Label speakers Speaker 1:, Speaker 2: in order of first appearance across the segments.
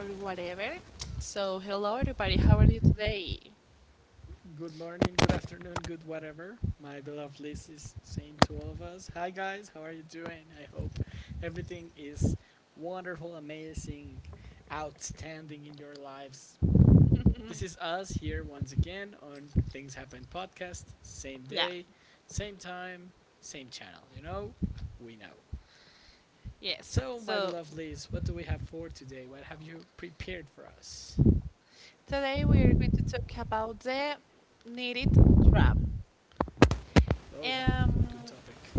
Speaker 1: or whatever. So, hello everybody, how are you today?
Speaker 2: Good morning, good afternoon, good whatever. My beloved Liz is saying to all of us, hi guys, how are you doing? I hope everything is wonderful, amazing, outstanding in your lives. This is us here once again on Things Happen podcast. Same
Speaker 1: Yeah,
Speaker 2: day, same time, same channel. You know, we know.
Speaker 1: yes.
Speaker 2: So, my
Speaker 1: So,
Speaker 2: beloved Liz, what do we have for today? What have you prepared for us?
Speaker 1: today we are going to talk about the needed trap.
Speaker 2: Oh,
Speaker 1: Um,
Speaker 2: good topic.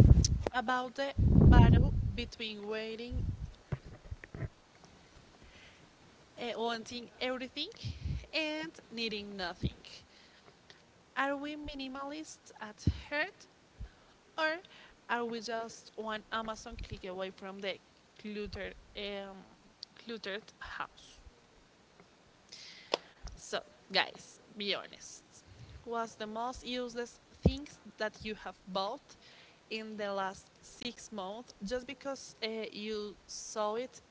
Speaker 1: about the battle between waiting, wanting everything, and needing nothing. Are we minimalists at heart, or are we just one Amazon click away from the cluttered, um, cluttered house? So, guys, be honest. What's the most useless things that you have bought in the last six months just because you saw it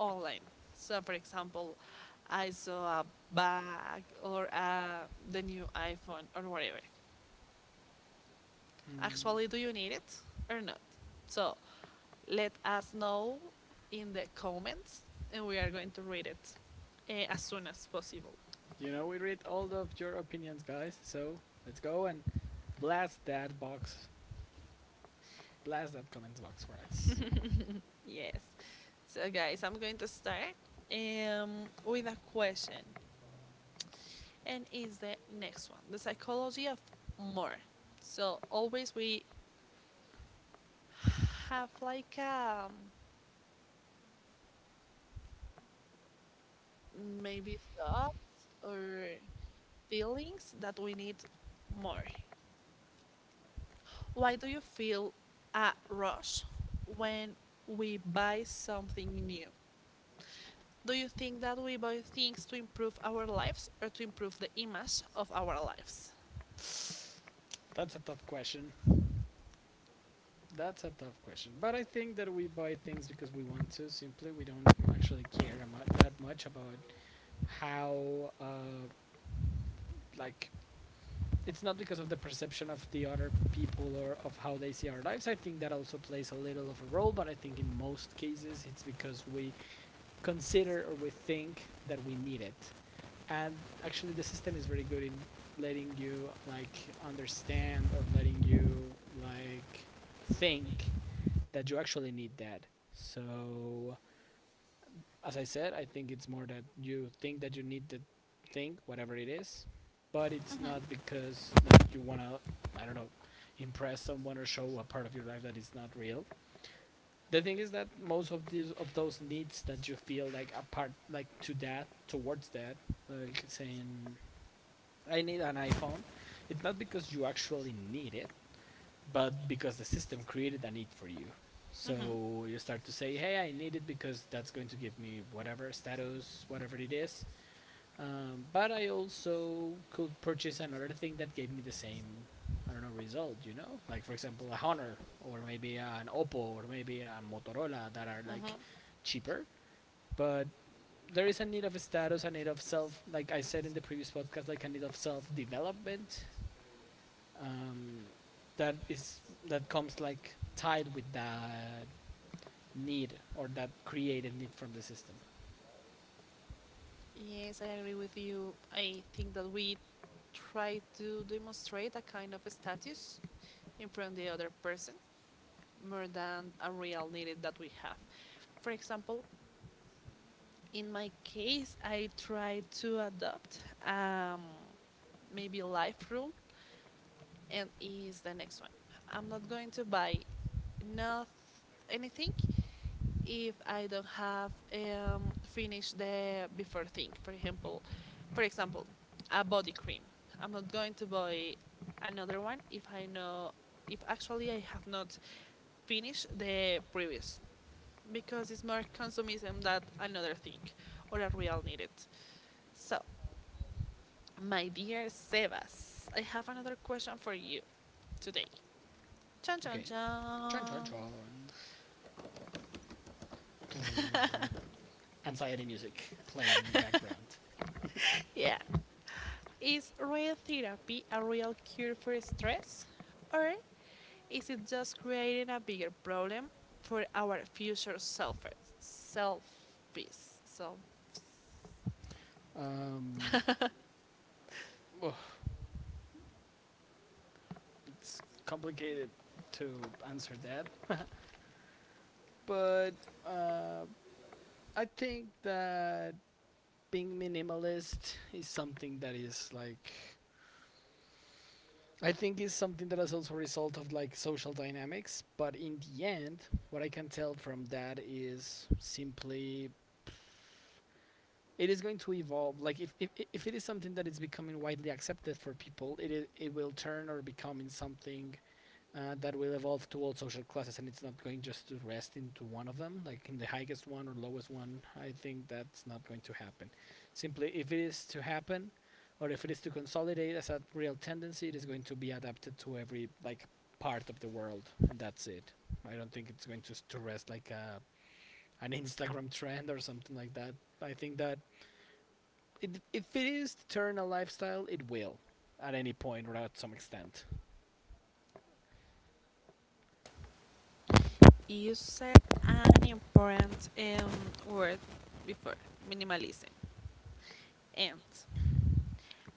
Speaker 1: online? So, for example, I saw a bag or the new iPhone or whatever.
Speaker 2: Hmm.
Speaker 1: Actually, do you need it or not? So let us know in the comments and we are going to read it as soon as possible.
Speaker 2: You know, we read all of your opinions, guys. So let's go and blast that box, blast that comments box for us.
Speaker 1: Yes. So, guys, I'm going to start with a question, and it's the next one, the psychology of more. So, always we have maybe thoughts or feelings that we need more. Why do you feel a rush when we buy something new? Do you think that we buy things to improve our lives or to improve the image of our lives?
Speaker 2: That's a tough question. That's a tough question. But I think that we buy things because we want to. Simply, we don't actually care that much about how, like, it's not because of the perception of the other people or of how they see our lives. I think that also plays a little of a role, but I think in most cases it's because we consider or we think that we need it. And actually, the system is very good in letting you like understand or letting you like think that you actually need that. So, as I said, I think it's more that you think that you need the thing, whatever it is, but it's not because like you wanna, I don't know, impress someone or show a part of your life that is not real. The thing is that most of these of those needs that you feel like apart like to that towards that like saying I need an iPhone, it's not because you actually need it, but because the system created a need for you. So you start to say, hey, I need it because that's going to give me whatever status whatever it is. But I also could purchase another thing that gave me the same, I don't know, result, you know? Like, for example, a Honor, or maybe an Oppo, or maybe a Motorola that are like
Speaker 1: Hmm.
Speaker 2: cheaper. But there is a need of a status, a need of self, like I said in the previous podcast, like a need of self development. Um, that is that comes like tied with that need or that created need from the system.
Speaker 1: Yes, I agree with you. I think that we try to demonstrate a kind of status in front of the other person more than a real need that we have. For example, in my case, I try to adopt um, maybe life rule, and is the next one. I'm not going to buy not anything if I don't have finished the before thing. For example, a body cream. I'm not going to buy another one if I know if actually I have not finished the previous, because it's more consumism than another thing or a real need it. So, my dear Sebas, I have another question for you today. Chan chan
Speaker 2: Okay, chon chon
Speaker 1: chan.
Speaker 2: chon. Anxiety music playing in the background.
Speaker 1: Yeah. Is real therapy a real cure for stress? Or is it just creating a bigger problem for our future self selfies? So
Speaker 2: Um, well, it's complicated to answer that, but uh, I think that being minimalist is something that is like I think is something that is also a result of like social dynamics. But in the end, what I can tell from that is simply it is going to evolve. Like if it is something that is becoming widely accepted for people, it will turn or become in something that will evolve to all social classes, and it's not going just to rest into one of them, like in the highest one or lowest one. I think that's not going to happen. Simply, if it is to happen, or if it is to consolidate as a real tendency, it is going to be adapted to every like part of the world, and that's it. I don't think it's going to rest like a an Instagram trend or something like that. I think that it, if it is to turn a lifestyle, it will at any point or at some extent.
Speaker 1: you said an important word before, minimalism. And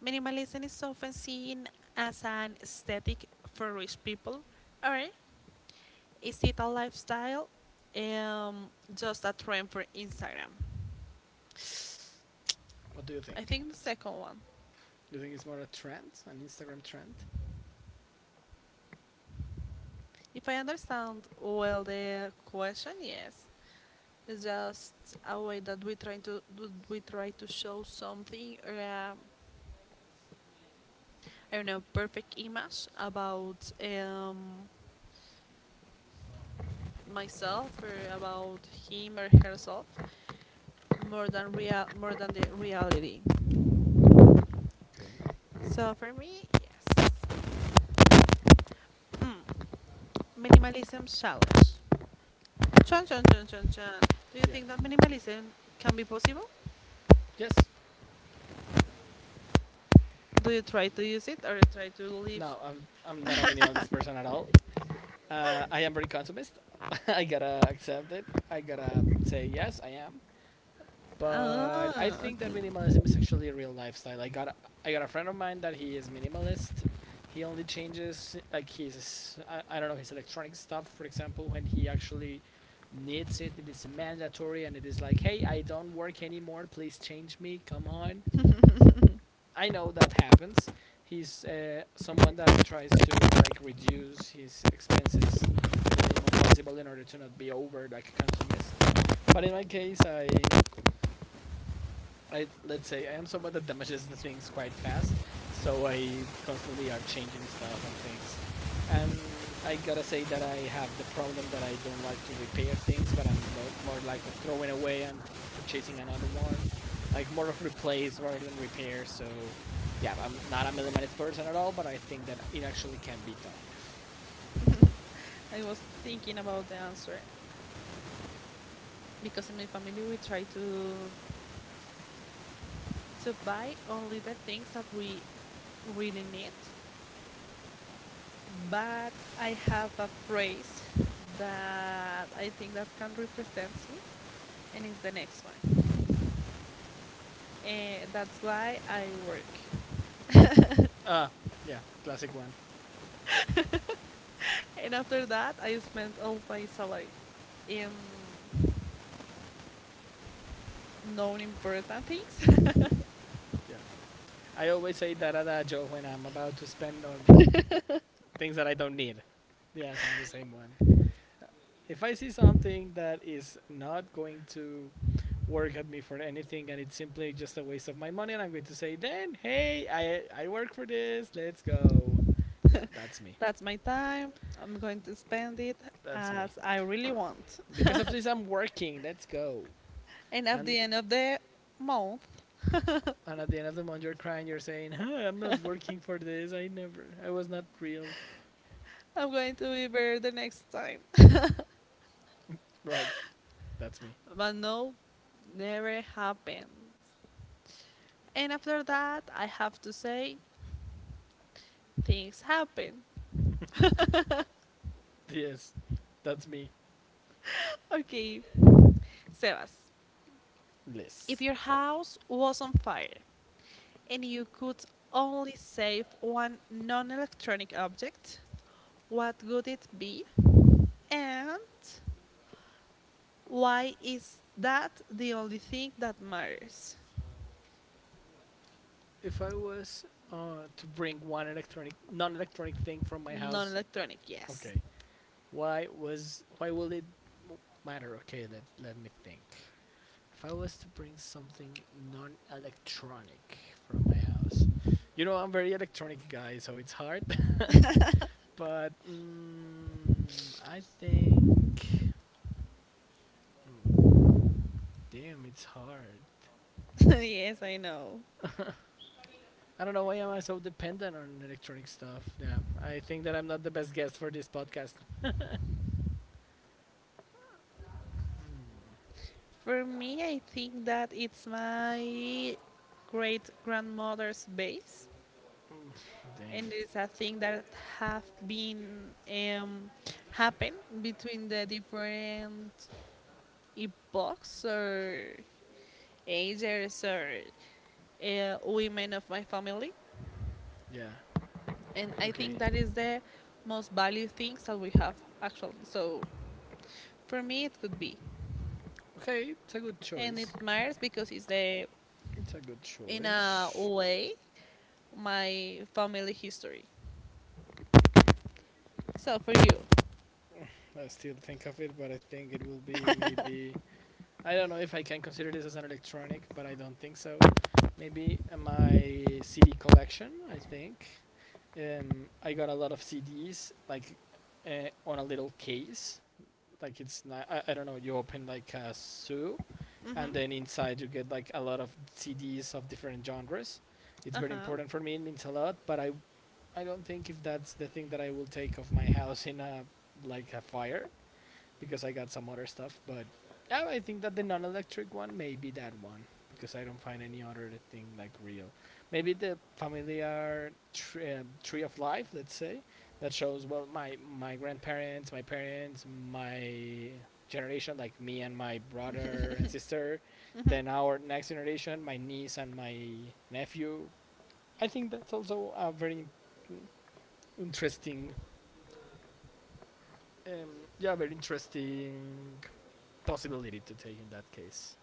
Speaker 1: minimalism is often seen as an aesthetic for rich people, or is it a lifestyle, um, just a trend for Instagram?
Speaker 2: What do you
Speaker 1: I
Speaker 2: think?
Speaker 1: think the second one.
Speaker 2: You think it's more a trend, an Instagram trend?
Speaker 1: If I understand well the question, yes. It's just a way that we try to we try to show something, or I don't know, perfect image about myself or about him or herself, more than real, more than the reality.
Speaker 2: Okay.
Speaker 1: So for me, yes. Hmm. Minimalism challenge. Chun chun chun chun chun. Do you
Speaker 2: Yeah.
Speaker 1: think that minimalism can be possible?
Speaker 2: Yes.
Speaker 1: Do you try to use it or try to live?
Speaker 2: No, I'm not a minimalist person at all. I am very consumist. I gotta accept it. I gotta say yes, I am. But I
Speaker 1: Ah,
Speaker 2: think that
Speaker 1: okay.
Speaker 2: minimalism is actually a real lifestyle. I got a friend of mine that he is minimalist. He only changes like his I don't know his electronic stuff, for example, when he actually needs it. It is mandatory, and it is like, hey, I don't work anymore. Please change me. Come on, I know that happens. He's someone that tries to like reduce his expenses to the minimum possible in order to not be over like a consumist. But in my case, I let's say I am someone that damages the things quite fast, so I constantly are changing stuff and things. And I gotta say that I have the problem that I don't like to repair things, but I'm more like of throwing away and purchasing another one, like more of replace rather than repair. So, yeah, I'm not a millimeter person at all, but I think that it actually can be done.
Speaker 1: I was thinking about the answer, because in my family we try to buy only the things that we really need. But I have a phrase that I think that can represent me, and it's the next one. Eh, that's why I work.
Speaker 2: Uh yeah, classic one.
Speaker 1: And after that, I spent all my salary in non-important things.
Speaker 2: Yeah, I always say that adagio when I'm about to spend on things that I don't need. Yes, I'm the same one. If I see something that is not going to work at me for anything and it's simply just a waste of my money and I'm going to say then, hey, I work for this, let's go. Yeah, that's me.
Speaker 1: That's my time. I'm going to spend it
Speaker 2: That's me.
Speaker 1: as I really want.
Speaker 2: Because of this I'm working, let's go.
Speaker 1: And at
Speaker 2: and
Speaker 1: the end of the month,
Speaker 2: and at the end of the month you're crying, you're saying, huh, I'm not working for this, I never I was not real.
Speaker 1: I'm going to be better the next time.
Speaker 2: Right, that's me.
Speaker 1: But no, never happened. And after that, I have to say, things happen.
Speaker 2: Yes, that's me.
Speaker 1: Okay, Sebas, if
Speaker 2: Bliss.
Speaker 1: your house was on fire and you could only save one non electronic object, what would it be? And why is that the only thing that matters?
Speaker 2: If I was to bring one electronic, non-electronic thing from my house,
Speaker 1: Non-electronic, yes.
Speaker 2: okay, why was why will it m- matter? Okay, let me think. If I was to bring something non-electronic from my house, you know I'm very electronic guy, so it's hard. But mm, I think, mm, damn, it's hard.
Speaker 1: Yes, I know.
Speaker 2: I don't know why am I so dependent on electronic stuff. Yeah, I think that I'm not the best guest for this podcast.
Speaker 1: For me, I think that it's my great grandmother's base,
Speaker 2: Mm, damn.
Speaker 1: and it's a thing that have been um, happen between the different epochs or ages or women of my family,
Speaker 2: Yeah.
Speaker 1: and I think
Speaker 2: Okay.
Speaker 1: that is the most valued things that we have actually. So for me, it could be. Okay,
Speaker 2: Okay, it's
Speaker 1: it's a
Speaker 2: a
Speaker 1: good
Speaker 2: good
Speaker 1: choice. And
Speaker 2: choice.
Speaker 1: it matters because it's the,
Speaker 2: It's a good
Speaker 1: in a
Speaker 2: choice.
Speaker 1: way, my family history. So for you.
Speaker 2: I still think of it, but I think it will be maybe. I don't know if I can consider this as an electronic, but I don't think so. Maybe my CD collection. I think I got a lot of CDs like on a little case. Like it's not. I don't know. You open like a zoo, and
Speaker 1: Mm-hmm. They
Speaker 2: then
Speaker 1: need side
Speaker 2: inside you get like a lot of
Speaker 1: effects.
Speaker 2: CDs of different genres. It's
Speaker 1: Uh
Speaker 2: very
Speaker 1: huh.
Speaker 2: important for me. It means a lot, but I don't think if that's the thing that I will take off my house in a like a fire because I got some other stuff. But yeah, I think that the non-electric one may be that one because I don't find any other thing like real. Maybe the familiar tree, tree of life, let's say, that shows well my grandparents, my parents, my generation, like me and my brother and sister. Then
Speaker 1: Mm-hmm.
Speaker 2: our next generation, my niece and my nephew. I think that's also a very mm, interesting, yeah, very interesting possibility to take in that case.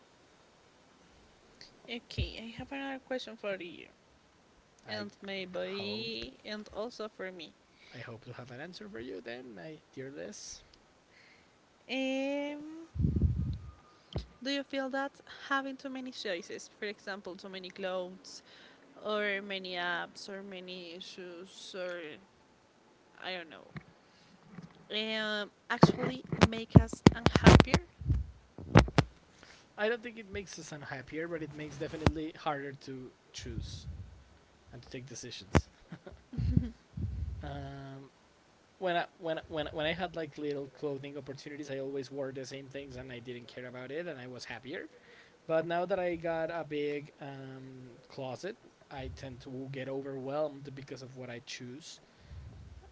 Speaker 1: Okay, I have another question for you,
Speaker 2: I
Speaker 1: and
Speaker 2: hope
Speaker 1: maybe, and also for me.
Speaker 2: I hope to have an answer for you then, my dear Les.
Speaker 1: Um, do you feel that having too many choices, for example, too many clothes, or many apps, or many shoes, or I don't know, actually make us unhappier.
Speaker 2: I don't think it makes us unhappier, but it makes definitely harder to choose and to take decisions. Um, when I when I had like little clothing opportunities, I always wore the same things and I didn't care about it, and I was happier. But now that I got a big closet, I tend to get overwhelmed because of what I choose,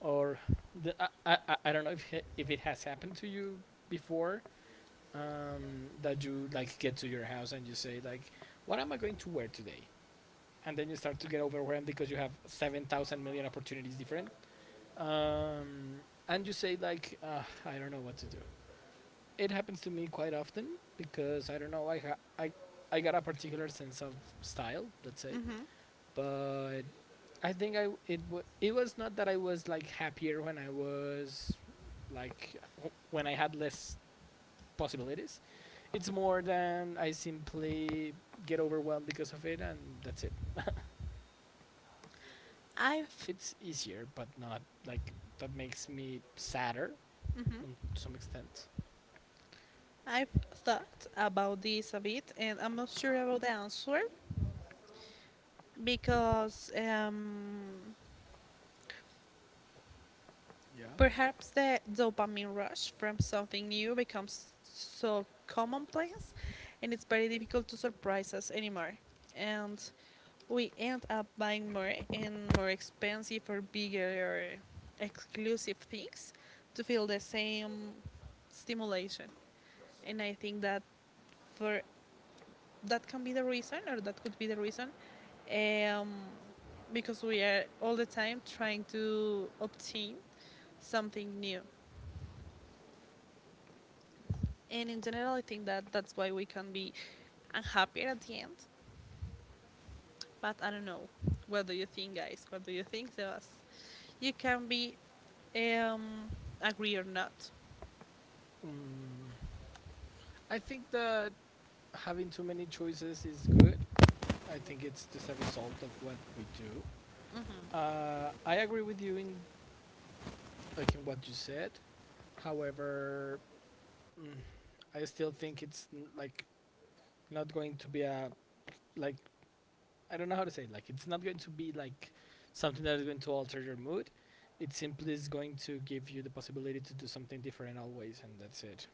Speaker 2: or the, I don't know if it has happened to you before that you like get to your house and you say like what am I going to wear today, and then you start to get overwhelmed because you have 7,000 million opportunities different um, and you say like I don't know what to do. It happens to me quite often because I don't know I got a particular sense of style let's say.
Speaker 1: Hmm.
Speaker 2: But I think I it was not that I was like happier when I was like when I had less possibilities. It's more than I simply get overwhelmed because of it, and that's it.
Speaker 1: I've
Speaker 2: It's easier, but not like that makes me sadder
Speaker 1: hmm
Speaker 2: on to some extent.
Speaker 1: I've thought about this a bit, and I'm not sure about the answer, because
Speaker 2: Yeah.
Speaker 1: perhaps the dopamine rush from something new becomes so commonplace and it's very difficult to surprise us anymore. And we end up buying more and more expensive or bigger or exclusive things to feel the same stimulation. And I think that for that can be the reason, or that could be the reason, um, because we are all the time trying to obtain something new. And in general, I think that that's why we can be unhappier at the end. But I don't know. What do you think, guys? What do you think, Sebas? You can be um, agree or not.
Speaker 2: Mm, I think that having too many choices is good. I think it's just a result of what we do. I agree with you in like in what you said. However, mm, I still think it's like not going to be a like I don't know how to say it. Like it's not going to be like something that is going to alter your mood. It simply is going to give you the possibility to do something different always, and that's it.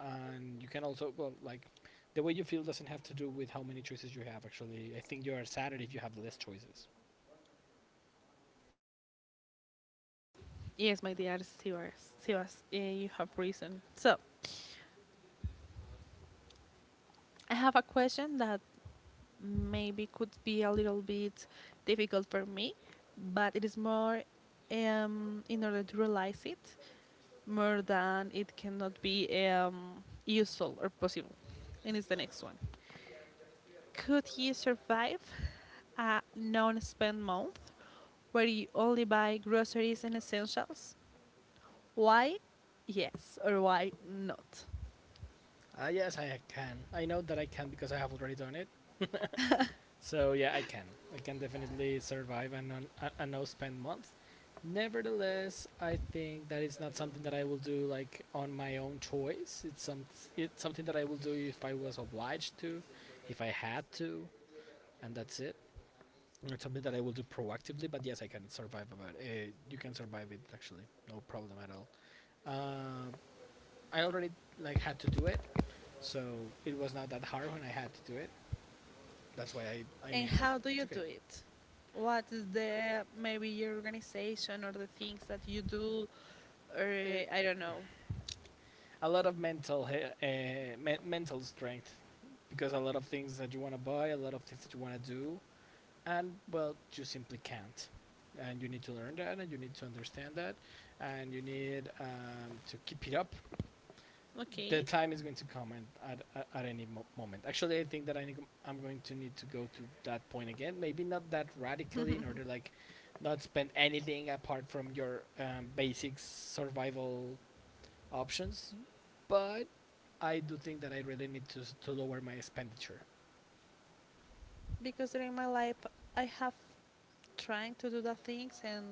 Speaker 2: And you can also well like the way you feel doesn't have to do with how many choices you have. Actually, I think you are sadder if you have less choices.
Speaker 1: Yes, my dear Sebas. Sebas, you have reason. So I have a question that maybe could be a little bit difficult for me, but it is more in order to realize it, more than it cannot be useful or possible. And it's the next one. Could you survive a non spend month where you only buy groceries and essentials? Why yes or why not?
Speaker 2: Ah yes, I can. I know that I can because I have already done it. So yeah, I can. I can definitely survive a no spend month. Nevertheless, I think that it's not something that I will do like on my own choice. It's something that I will do if I was obliged to, if I had to, and that's it. It's something that I will do proactively. But yes, I can survive about it. You can survive it actually, no problem at all. Uh, I already like had to do it, so it was not that hard when I had to do it. That's why I
Speaker 1: And
Speaker 2: mean like
Speaker 1: how do
Speaker 2: it's
Speaker 1: you do
Speaker 2: okay.
Speaker 1: it? What is the maybe your organization or the things that you do or
Speaker 2: It
Speaker 1: I don't know.
Speaker 2: a lot of mental mental strength because a lot of things that you want to buy, a lot of things that you want to do, and well, you simply can't. And you need to learn that, and you need to understand that, and you need to keep it up. The
Speaker 1: Okay.
Speaker 2: time is going to come and at any moment. Actually, I think that I need, I'm going to need to go to that point again. Maybe not that radically, in order like not spend anything apart from your basic survival options, but I do think that I really need to lower my expenditure.
Speaker 1: Because during my life I have trying to do the things and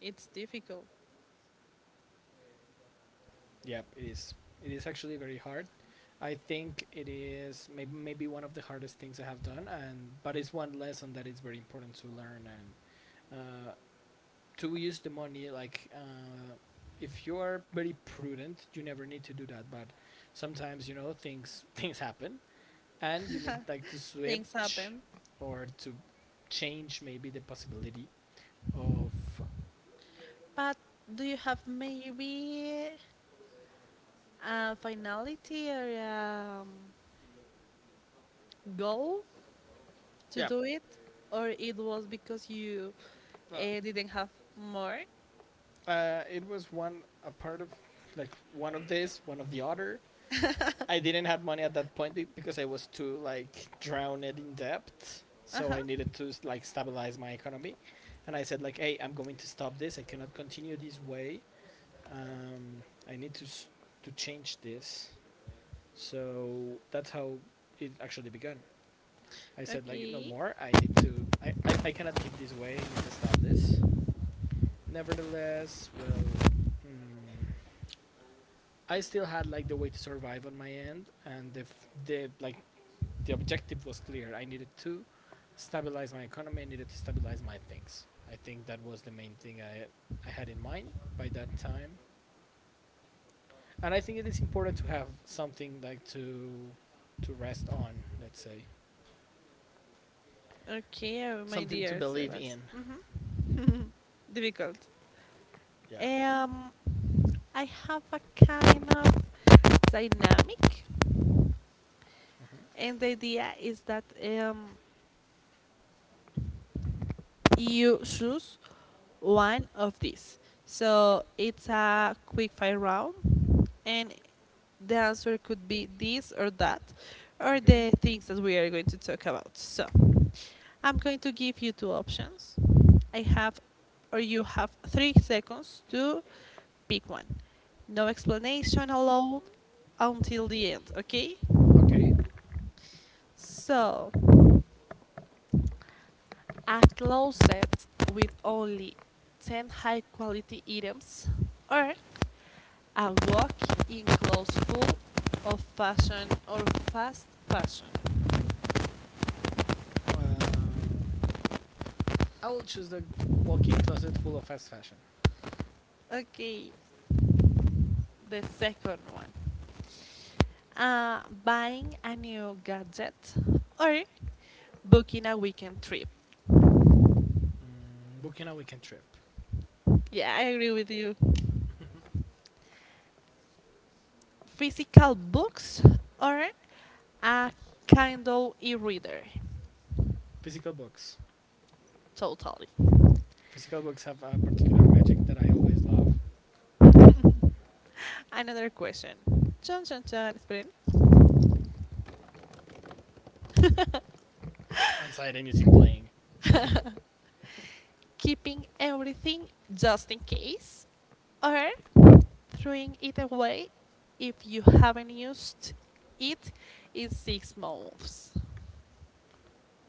Speaker 1: it's difficult.
Speaker 2: Yep, it is. It is actually very hard. I think it is maybe one of the hardest things I have done, and but it's one lesson that is very important to learn and uh, to use the money. Like if you are very prudent, you never need to do that. But sometimes you know things things happen, and you need
Speaker 1: And
Speaker 2: like to
Speaker 1: things
Speaker 2: switch
Speaker 1: happen.
Speaker 2: or to change maybe the possibility of
Speaker 1: But do you have maybe a finality or a goal to
Speaker 2: yeah.
Speaker 1: do it? Or it was because you
Speaker 2: uh,
Speaker 1: didn't have more?
Speaker 2: It was one a part of like one of this, one of the other. I didn't have money at that point because I was too like drowned in debt, so
Speaker 1: Uh-huh.
Speaker 2: I needed to like stabilize my economy. And I said like, hey, I'm going to stop this. I cannot continue this way. Um, I need to to change this. So that's how it actually began. I said like no
Speaker 1: Okay.
Speaker 2: more. I need to. I cannot keep this way. I need to stop this. Nevertheless, well, mm, I still had like the way to survive on my end, and the f- the like the objective was clear. I needed to stabilize my economy. I needed to stabilize my things. I think that was the main thing I had in mind by that time, and I think it is important to have something like to rest on. Let's say
Speaker 1: Okay, my
Speaker 2: something to
Speaker 1: dear
Speaker 2: believe
Speaker 1: Sebas.
Speaker 2: in.
Speaker 1: Hmm. Difficult.
Speaker 2: Yeah.
Speaker 1: Um, I have a kind of dynamic, and the idea is that you choose one of these. So it's a quick fire round and the answer could be this or that or the things that we are going to talk about. So, I'm going to give you two options. I have or you have 3 seconds to pick one. No explanation allowed until the end, okay?
Speaker 2: Okay.
Speaker 1: So, a closet with only 10 high quality items or a walk in clothes full of fashion or fast fashion.
Speaker 2: Um, I will choose the walk-in closet full of fast fashion.
Speaker 1: Okay, the second one. Buying a new gadget or booking a weekend trip.
Speaker 2: Mm, booking a weekend trip.
Speaker 1: Yeah, I agree with you. Physical books or a Kindle e-reader.
Speaker 2: Physical books.
Speaker 1: Totally.
Speaker 2: Physical books have a particular magic that I always love.
Speaker 1: Another question. Chun chun chun. Esperen.
Speaker 2: Inside any music playing.
Speaker 1: Keeping everything just in case, or throwing it away if you haven't used it in six months.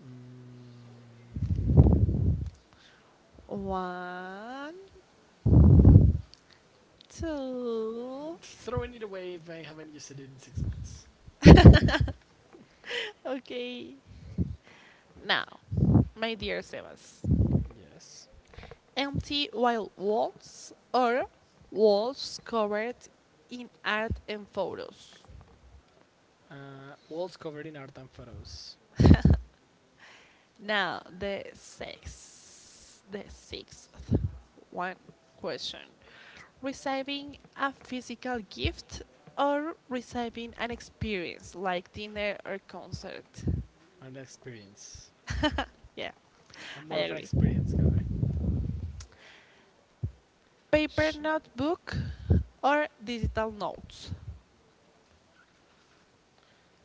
Speaker 2: Mm,
Speaker 1: One, two.
Speaker 2: throwing it away if I haven't used it in 6 months.
Speaker 1: Okay. Now, my dear Sebas,
Speaker 2: Yes.
Speaker 1: empty wild walls or walls covered in art and photos.
Speaker 2: Walls covered in art and photos.
Speaker 1: Now, the sixth one question. Receiving a physical gift or receiving an experience like dinner or concert?
Speaker 2: And experience.
Speaker 1: Yeah,
Speaker 2: I'm
Speaker 1: I
Speaker 2: more of an
Speaker 1: agree.
Speaker 2: experience guy.
Speaker 1: Paper
Speaker 2: Shh.
Speaker 1: notebook or digital notes?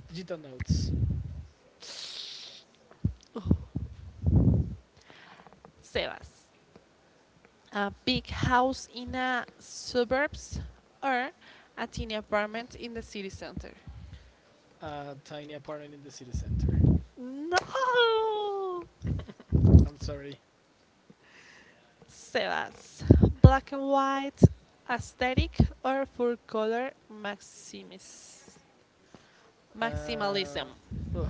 Speaker 2: Digital notes.
Speaker 1: Ugh, Sebas. A big house in a suburbs or a tiny apartment in the city center?
Speaker 2: A tiny apartment in the city center.
Speaker 1: No!
Speaker 2: I'm sorry.
Speaker 1: Sebas, black and white aesthetic or full color maximis,
Speaker 2: Uh,
Speaker 1: maximalism.
Speaker 2: ugh.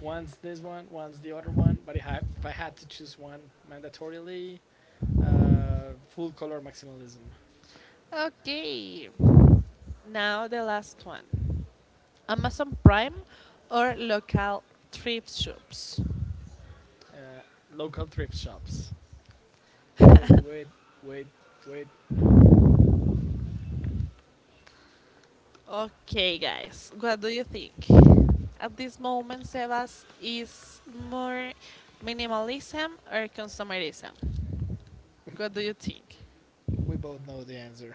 Speaker 2: One's this one, once the other one. But if I had to choose one mandatorily, full color maximalism.
Speaker 1: Okay, now the last one, Amazon Prime or local trip shops.
Speaker 2: Uh, local thrift shops. Wait, wait, wait, wait.
Speaker 1: Okay, guys, what do you think? At this moment, Sebas is more minimalism or consumerism. What do you think?
Speaker 2: We both know the answer.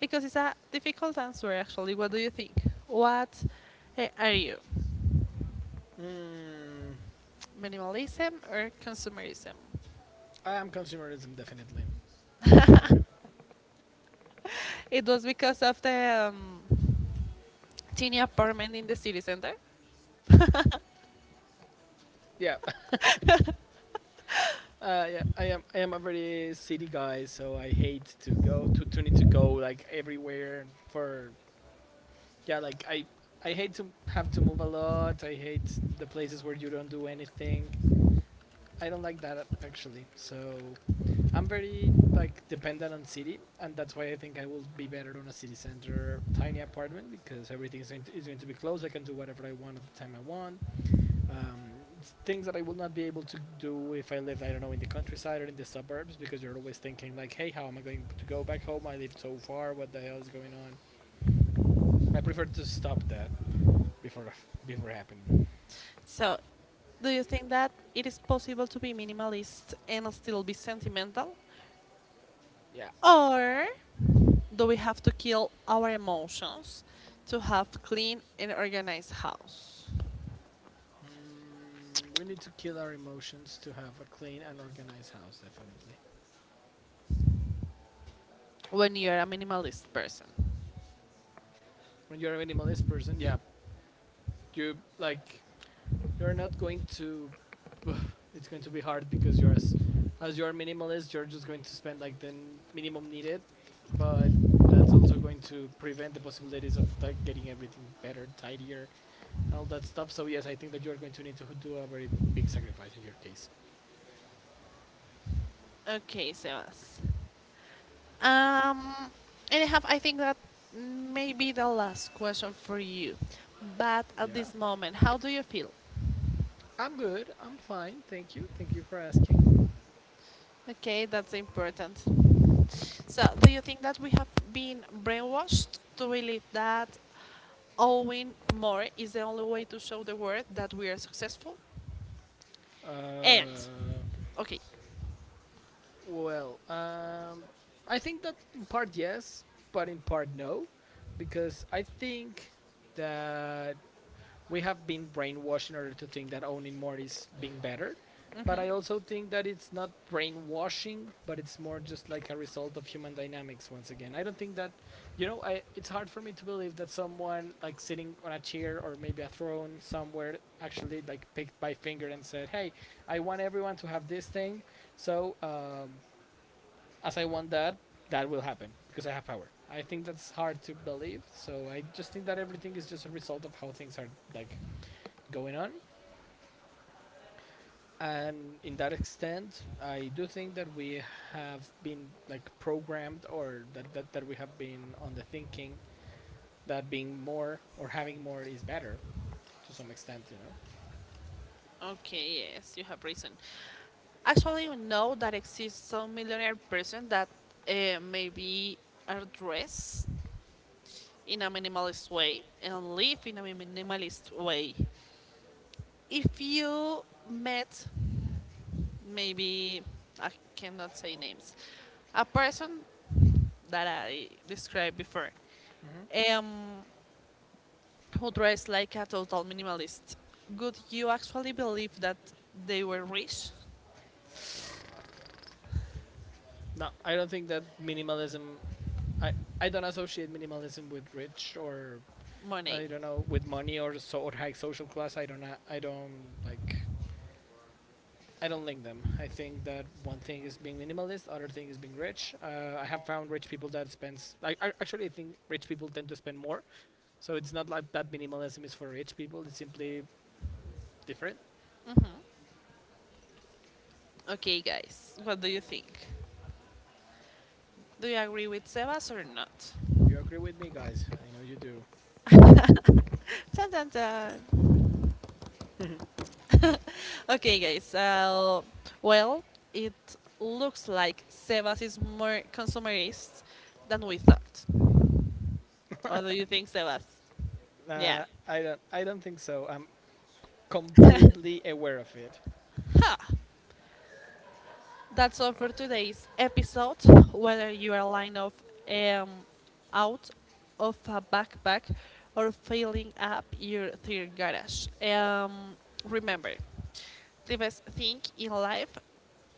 Speaker 1: Because it's a difficult answer, actually. What do you think? What are you?
Speaker 2: Mm,
Speaker 1: Minimalism or consumerism?
Speaker 2: I am consumerism definitely. I know it.
Speaker 1: It was because of the teeny apartment in the city center.
Speaker 2: Yeah, yeah. I am. I am a very city guy, so I hate to need to go like everywhere for. Yeah, like I. I hate to have to move a lot. I hate the places where you don't do anything. I don't like that actually. So I'm very like dependent on city, and that's why I think I will be better on a city center tiny apartment because everything is is going to be close. I can do whatever I want at the time I want. Um, Things that I will not be able to do if I live I don't know, in the countryside or in the suburbs because you're always thinking like, hey, how am I going to go back home? I live so far. What the hell is going on? I prefer to stop that before before happening.
Speaker 1: So, do you think that it is possible to be minimalist and still be sentimental?
Speaker 2: Yeah.
Speaker 1: Or do we have to kill our emotions to have clean and organized house
Speaker 2: Mm, we need to kill our emotions to have a clean and organized house, definitely.
Speaker 1: when you're a minimalist person?
Speaker 2: When you're a minimalist person, yeah, you like you're not going to it's going to be hard because you're as you're minimalist, you're just going to spend like the minimum needed, but that's also going to prevent the possibilities of like getting everything better, tidier, and all that stuff. So yes, I think that you're going to need to do a very big sacrifice in your case.
Speaker 1: Okay, Sebas. Um, and I have, I think that may be the last question for you. But at
Speaker 2: Yeah,
Speaker 1: this moment, how do you feel?
Speaker 2: I'm good. I'm fine. Thank you. Thank you for asking.
Speaker 1: Okay, that's important. So, do you think that we have been brainwashed to believe that owing more is the only way to show the world that we are successful? And,
Speaker 2: uh
Speaker 1: okay.
Speaker 2: Well, I think that in part yes, but in part no, because I think that we have been brainwashed in order to think that owning more is being better. But I also
Speaker 1: Mhm.
Speaker 2: think that it's not brainwashing, but it's more just like a result of human dynamics once again. I don't think that, I, it's hard for me to believe that someone like sitting on a chair or maybe a throne somewhere actually like picked by finger and said, hey, I want everyone to have this thing. So as I want that, that will happen because I have power. I think that's hard to believe. So I just think that everything is just a result of how things are like going on. And in that extent, I do think that we have been like programmed or that we have been on the thinking that being more or having more is better to some extent, you know?
Speaker 1: Okay, yes, you have reason. Actually, you know that exists some millionaire person that maybe are dressed in a minimalist way and live in a minimalist way. If you met, maybe I cannot say names, a person that I described before,
Speaker 2: Mm-hmm.
Speaker 1: um, who dress like a total minimalist, would you actually believe that they were rich?
Speaker 2: No, I don't think that minimalism. I, I don't associate minimalism with rich or
Speaker 1: Money.
Speaker 2: I don't know with money or so or high social class. I don't like I don't link them. I think that one thing is being minimalist, other thing is being rich. I have found rich people that spends. I actually I think rich people tend to spend more. So it's not like that minimalism is for rich people. It's simply different.
Speaker 1: Okay, guys, what do you think? Do you agree with Sebas or not?
Speaker 2: You agree with me, guys? I know you do.
Speaker 1: Dun, dun, dun. Okay, guys, well, it looks like Sebas is more consumerist than we thought. What do you think, Sebas? Yeah.
Speaker 2: I don't. I don't think so. I'm completely aware of it.
Speaker 1: Ha! That's all for today's episode. Whether you are lying off um, out of a backpack or filling up your third garage, remember the best thing in life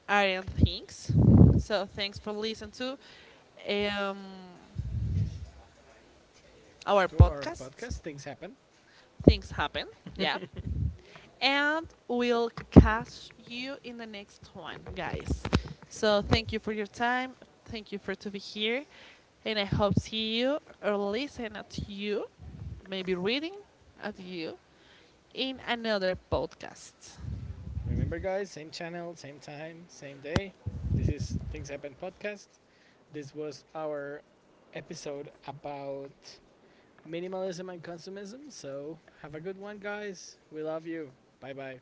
Speaker 1: aren't things. So thanks for listening to um, our
Speaker 2: To our
Speaker 1: podcast.
Speaker 2: podcast, things happen.
Speaker 1: Things happen. Yeah. And we'll catch you in the next one, guys. So thank you for your time. Thank you for to be here, and I hope see you or listen at you, maybe reading at you in another podcast.
Speaker 2: Remember, guys, same channel, same time, same day. This is Things Happen podcast. This was our episode about minimalism and consumism. So, have a good one, guys. We love you. Bye bye.